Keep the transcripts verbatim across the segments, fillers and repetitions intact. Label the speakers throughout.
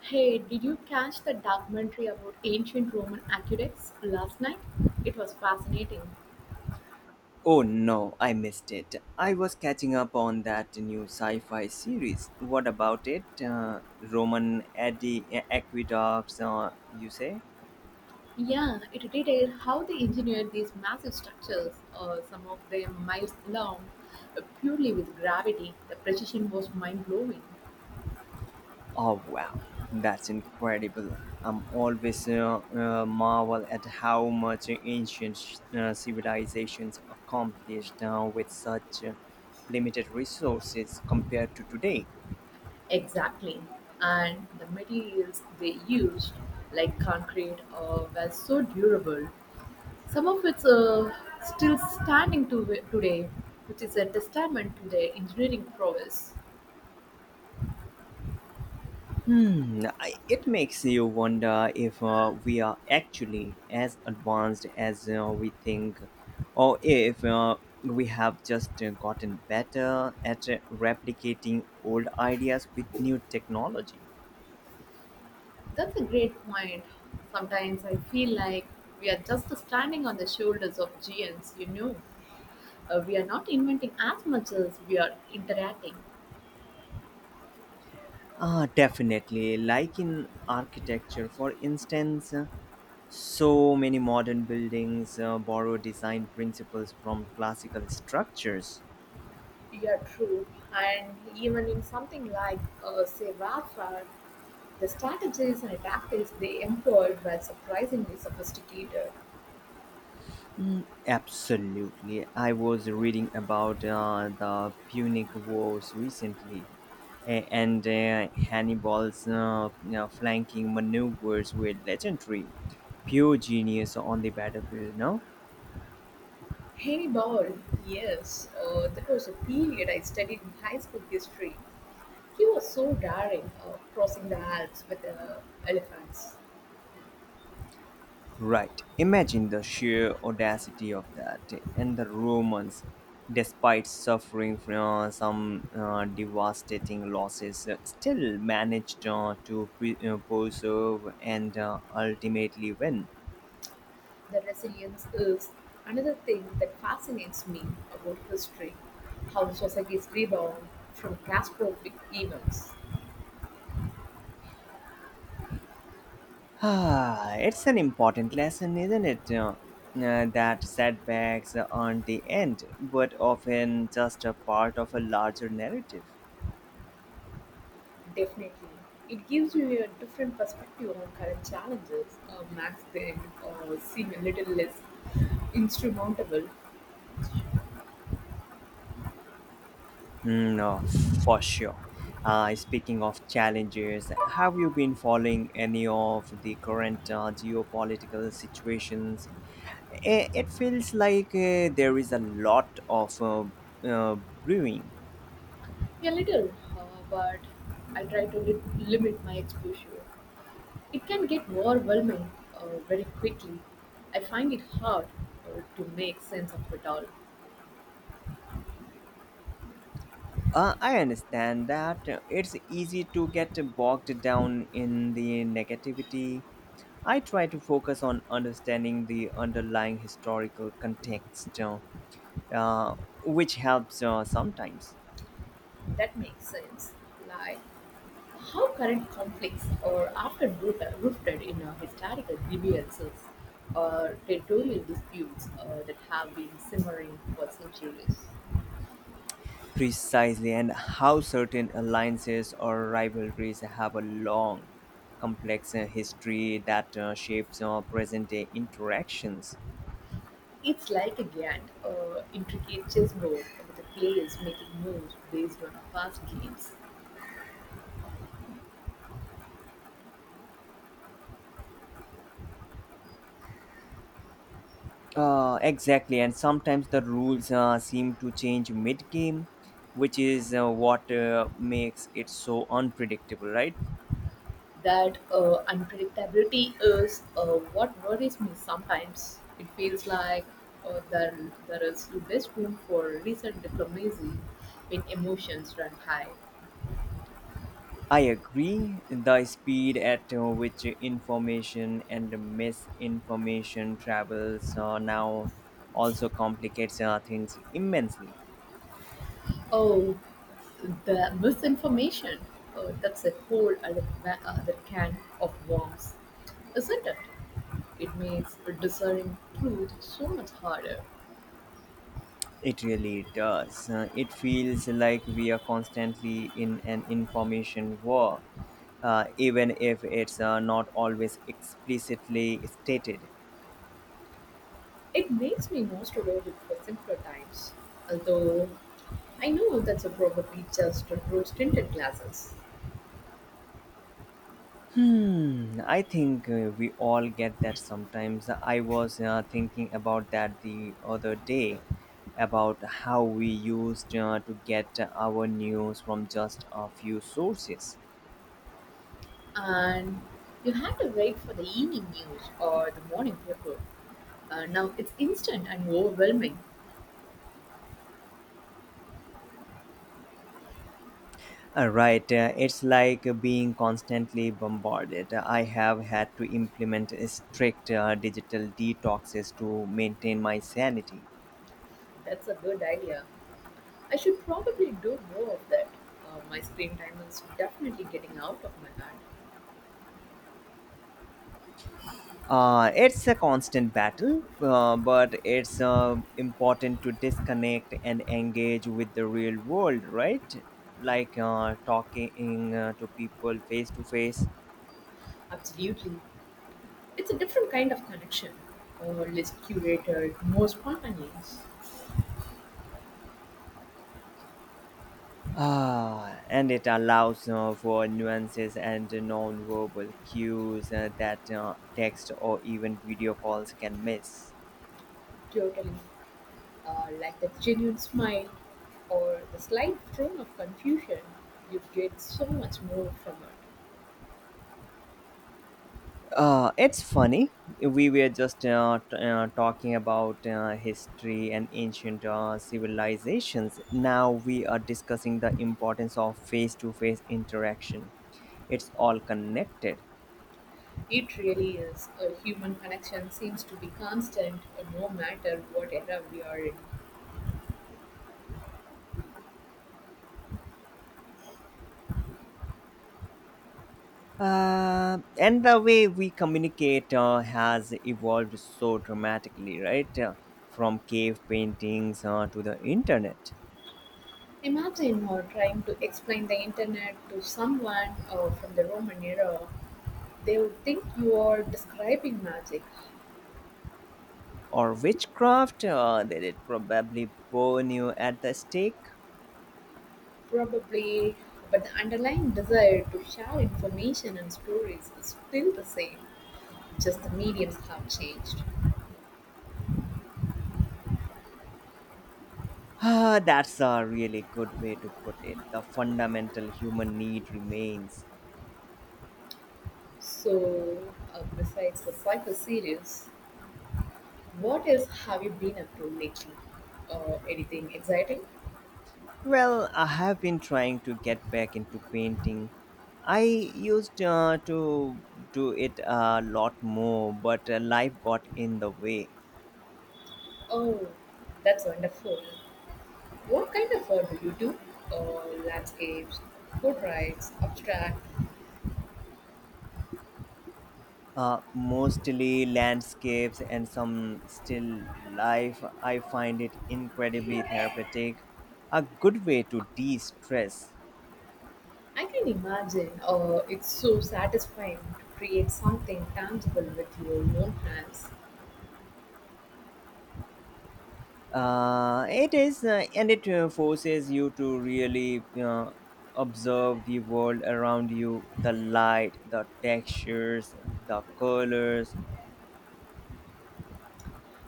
Speaker 1: Hey, did you catch the documentary about ancient Roman aqueducts last night? It was fascinating.
Speaker 2: Oh no, I missed it. I was catching up on that new sci fi series. What about it? Uh, Roman Adi- Aqueducts, uh, you say?
Speaker 1: Yeah, it detailed how they engineered these massive structures, uh, some of them miles long, uh, purely with gravity. The precision was mind blowing.
Speaker 2: Oh wow, that's incredible. I'm always uh, uh, marvel at how much ancient uh, civilizations accomplished uh, with such uh, limited resources compared to today.
Speaker 1: Exactly. And the materials they used, like concrete, uh, were so durable. Some of it's uh, still standing to today, which is a testament to their engineering prowess.
Speaker 2: Hmm, I- it makes you wonder if uh, we are actually as advanced as uh, we think, or if uh, we have just uh, gotten better at uh, replicating old ideas with new technology.
Speaker 1: That's a great point. Sometimes I feel like we are just standing on the shoulders of giants, you know. Uh, we are not inventing as much as we are interacting.
Speaker 2: Ah, definitely. Like in architecture, for instance, uh, so many modern buildings uh, borrow design principles from classical structures.
Speaker 1: Yeah, true. And even in something like, uh, say, warfare, the strategies and tactics they employed were surprisingly sophisticated.
Speaker 2: Mm, absolutely. I was reading about uh, the Punic Wars recently a- and uh, Hannibal's uh, you know, flanking maneuvers were legendary. Pure genius on the battlefield, no?
Speaker 1: Hannibal, yes, uh, that was a period I studied in high school history. He was so daring, uh, crossing the Alps with uh, elephants.
Speaker 2: Right. Imagine the sheer audacity of that. And the Romans, despite suffering from uh, some uh, devastating losses, uh, still managed uh, to pre- uh, preserve and uh, ultimately win.
Speaker 1: The resilience is another thing that fascinates me about history, how societies rebound from catastrophic events.
Speaker 2: Ah, it's an important lesson, isn't it? Uh, uh, that setbacks aren't the end, but often just a part of a larger narrative.
Speaker 1: Definitely. It gives you a different perspective on current challenges, uh, makes them uh, seem a little less insurmountable.
Speaker 2: Mm, no, for sure. Uh, speaking of challenges, have you been following any of the current uh, geopolitical situations? I- It feels like uh, there is a lot of uh, uh, brewing.
Speaker 1: A little, uh, but I try to li- limit my exposure. It can get overwhelming uh, very quickly. I find it hard uh, to make sense of it all.
Speaker 2: Uh, I understand that uh, it's easy to get bogged down in the negativity. I try to focus on understanding the underlying historical context, uh, uh, which helps uh, sometimes.
Speaker 1: That makes sense. Like, how current conflicts are often root- rooted in uh, historical grievances or territorial disputes uh, that have been simmering for centuries.
Speaker 2: Precisely, and how certain alliances or rivalries have a long, complex uh, history that uh, shapes our present day interactions.
Speaker 1: It's like a giant, uh, intricate chessboard with the players making moves based on past games.
Speaker 2: Uh, exactly, and sometimes the rules uh, seem to change mid game, which is uh, what uh, makes it so unpredictable, right?
Speaker 1: That uh, unpredictability is uh, what worries me sometimes. It feels like uh, there, there is less room for recent diplomacy when emotions run high.
Speaker 2: I agree. The speed at uh, which information and misinformation travels uh, now also complicates uh, things immensely.
Speaker 1: Oh, the misinformation. Oh, that's a whole other, ma- other can of worms, isn't it? It makes discerning truth so much harder.
Speaker 2: It really does. Uh, it feels like we are constantly in an information war uh, even if it's uh, not always explicitly stated.
Speaker 1: It makes me more tolerant for simpler times, although I know that's a probably just a rose tinted glasses.
Speaker 2: Hmm, I think uh, we all get that sometimes. I was uh, thinking about that the other day about how we used uh, to get our news from just a few sources.
Speaker 1: And you had to wait for the evening news or the morning paper. Uh, now it's instant and overwhelming.
Speaker 2: Uh, Right, uh, it's like being constantly bombarded. I have had to implement strict uh, digital detoxes to maintain my sanity.
Speaker 1: That's a good idea. I should probably do more of that. Uh, my screen time is definitely getting out of my hand.
Speaker 2: Uh, it's a constant battle, uh, but it's uh, important to disconnect and engage with the real world, right? Like uh, talking uh, to people face to face.
Speaker 1: Absolutely. It's a different kind of connection. Uh, less curated, more spontaneous.
Speaker 2: Ah, and it allows uh, for nuances and non-verbal cues uh, that uh, text or even video calls can miss.
Speaker 1: Totally. Uh, like the genuine smile or the slight tone of confusion, you get so much more from it.
Speaker 2: Uh, it's funny. We were just uh, t- uh, talking about uh, history and ancient uh, civilizations. Now we are discussing the importance of face to face interaction. It's all connected.
Speaker 1: It really is. A human connection seems to be constant uh, no matter what era we are in.
Speaker 2: Uh, and the way we communicate uh, has evolved so dramatically, right? Uh, from cave paintings uh, to the internet
Speaker 1: Imagine uh, trying to explain the internet to someone uh, from the Roman era. They would think you are describing magic,
Speaker 2: or witchcraft, uh, did it probably burn you at the stake?
Speaker 1: probably, but the underlying desire to share information and stories is still the same, just the mediums have changed.
Speaker 2: Ah, that's a really good way to put it. The fundamental human need remains.
Speaker 1: So, uh, besides the cyber series, what else have you been up to lately? Uh, anything exciting?
Speaker 2: Well, I have been trying to get back into painting. I used uh, to do it a lot more, but uh, life got in the way.
Speaker 1: Oh, that's wonderful. What kind of art do you do? Uh, landscapes, portraits, abstract?
Speaker 2: Uh, mostly landscapes and some still life. I find it incredibly therapeutic, a good way to de stress.
Speaker 1: I can imagine, uh, it's so satisfying to create something tangible with your own hands.
Speaker 2: Uh, it is uh, and it uh, forces you to really uh, observe the world around you, the light, the textures, the colors.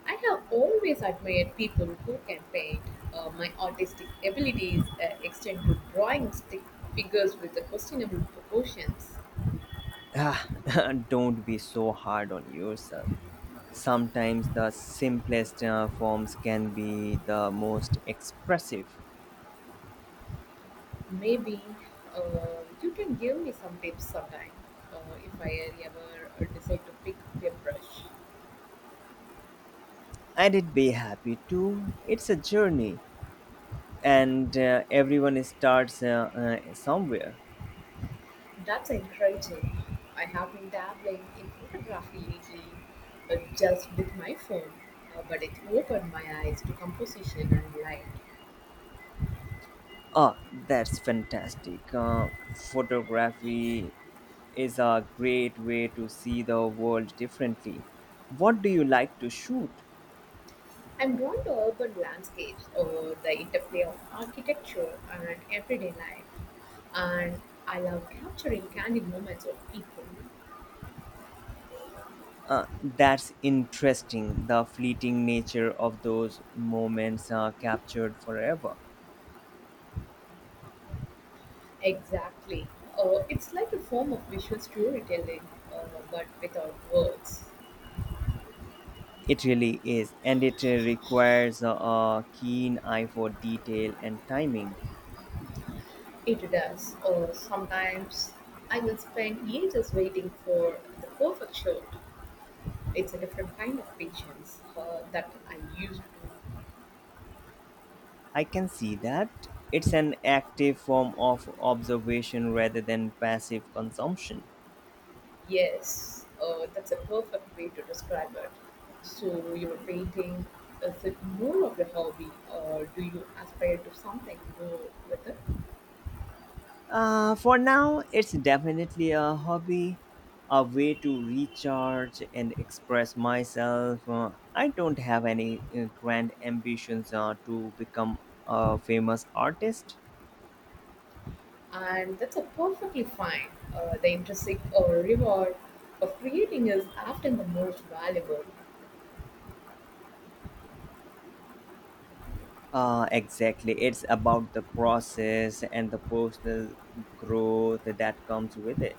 Speaker 1: I have always admired people who can paint. Uh, my artistic abilities uh, extend to drawing stick figures with the questionable proportions.
Speaker 2: Ah, don't be so hard on yourself, sometimes the simplest uh, forms can be the most expressive.
Speaker 1: Maybe uh, you can give me some tips sometime, uh, if I ever decide to pick up a brush.
Speaker 2: And it be happy too, it's a journey, and uh, everyone starts uh, uh, somewhere.
Speaker 1: That's encouraging. I have been dabbling in photography lately, uh, just with my phone, uh, but it opened my eyes to composition and light.
Speaker 2: Oh, that's fantastic. Uh, photography is a great way to see the world differently. What do you like to shoot?
Speaker 1: I'm drawn to urban landscapes or the interplay of architecture and everyday life, and I love capturing candid moments of people.
Speaker 2: Uh, that's interesting. The fleeting nature of those moments are captured forever.
Speaker 1: Exactly. Uh, it's like a form of visual storytelling, uh, but without words.
Speaker 2: It really is, and it uh, requires a, a keen eye for detail and timing.
Speaker 1: It does. Or sometimes I will spend ages waiting for the perfect shot. It's a different kind of patience uh, that I used to.
Speaker 2: I can see that. It's an active form of observation rather than passive consumption.
Speaker 1: Yes, uh, that's a perfect way to describe it. So, your painting, is it more of a hobby, or do you aspire to something more with it?
Speaker 2: Uh, for now, it's definitely a hobby, a way to recharge and express myself. Uh, I don't have any uh, grand ambitions uh, to become a famous artist.
Speaker 1: And that's a perfectly fine. Uh, the intrinsic uh, reward of creating is often the most valuable.
Speaker 2: Uh, exactly. It's about the process and the personal growth that comes with it.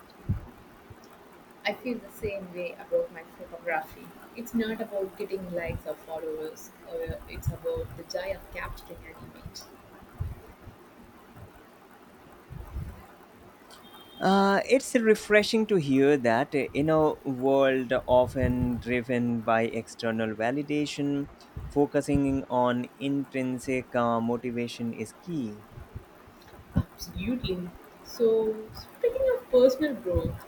Speaker 1: I feel the same way about my photography. It's not about getting likes or followers, or uh, it's about the joy of capturing an image.
Speaker 2: Uh, it's refreshing to hear that uh, in a world often driven by external validation, focusing on intrinsic uh, motivation is key.
Speaker 1: Absolutely. So, speaking of personal growth,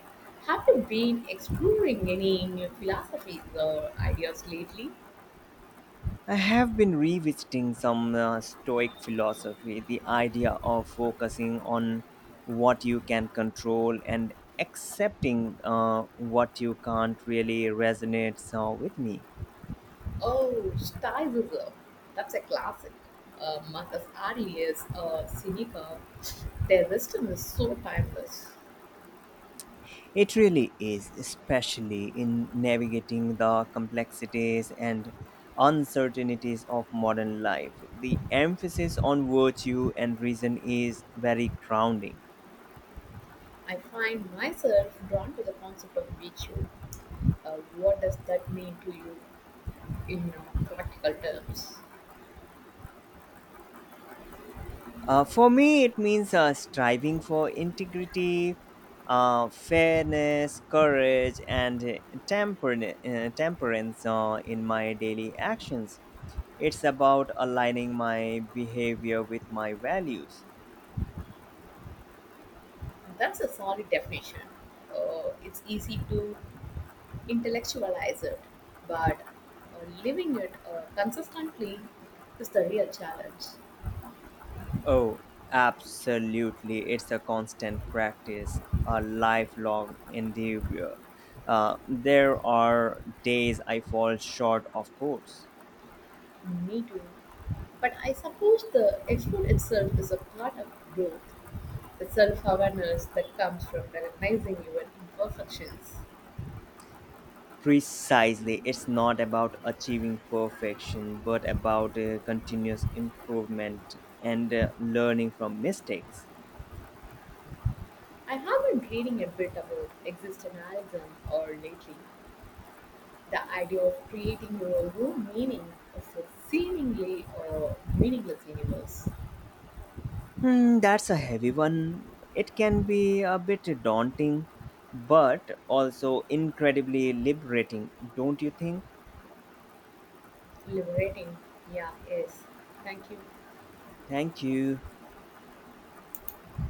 Speaker 1: have you been exploring any new philosophies or ideas lately?
Speaker 2: I have been revisiting some uh, Stoic philosophy, the idea of focusing on what you can control and accepting uh, what you can't really resonates uh, with me.
Speaker 1: Oh, Stoicism. That's a classic. Uh, Marcus Aurelius, uh, Seneca, their wisdom is so timeless.
Speaker 2: It really is, especially in navigating the complexities and uncertainties of modern life. The emphasis on virtue and reason is very grounding.
Speaker 1: I find myself drawn to the concept of virtue. Uh, what does that mean to you in uh, practical terms?
Speaker 2: Uh, for me, it means uh, striving for integrity, uh, fairness, courage, and uh, temper- uh, temperance uh, in my daily actions. It's about aligning my behavior with my values.
Speaker 1: That's a solid definition. Uh, it's easy to intellectualize it, but uh, living it uh, consistently is the real challenge.
Speaker 2: Oh, absolutely. It's a constant practice, a lifelong endeavor. Uh, there are days I fall short, of course.
Speaker 1: Me too. But I suppose the effort itself is a part of growth, the self awareness that comes from recognizing your imperfections.
Speaker 2: Precisely, it's not about achieving perfection, but about uh, continuous improvement and uh, learning from mistakes.
Speaker 1: I have been reading a bit about existentialism or lately, the idea of creating your own meaning of a seemingly uh, meaningless universe.
Speaker 2: Hmm, that's a heavy one. It can be a bit daunting, but also incredibly liberating, don't you think?
Speaker 1: Liberating. Yeah, yes. Thank you.
Speaker 2: Thank you.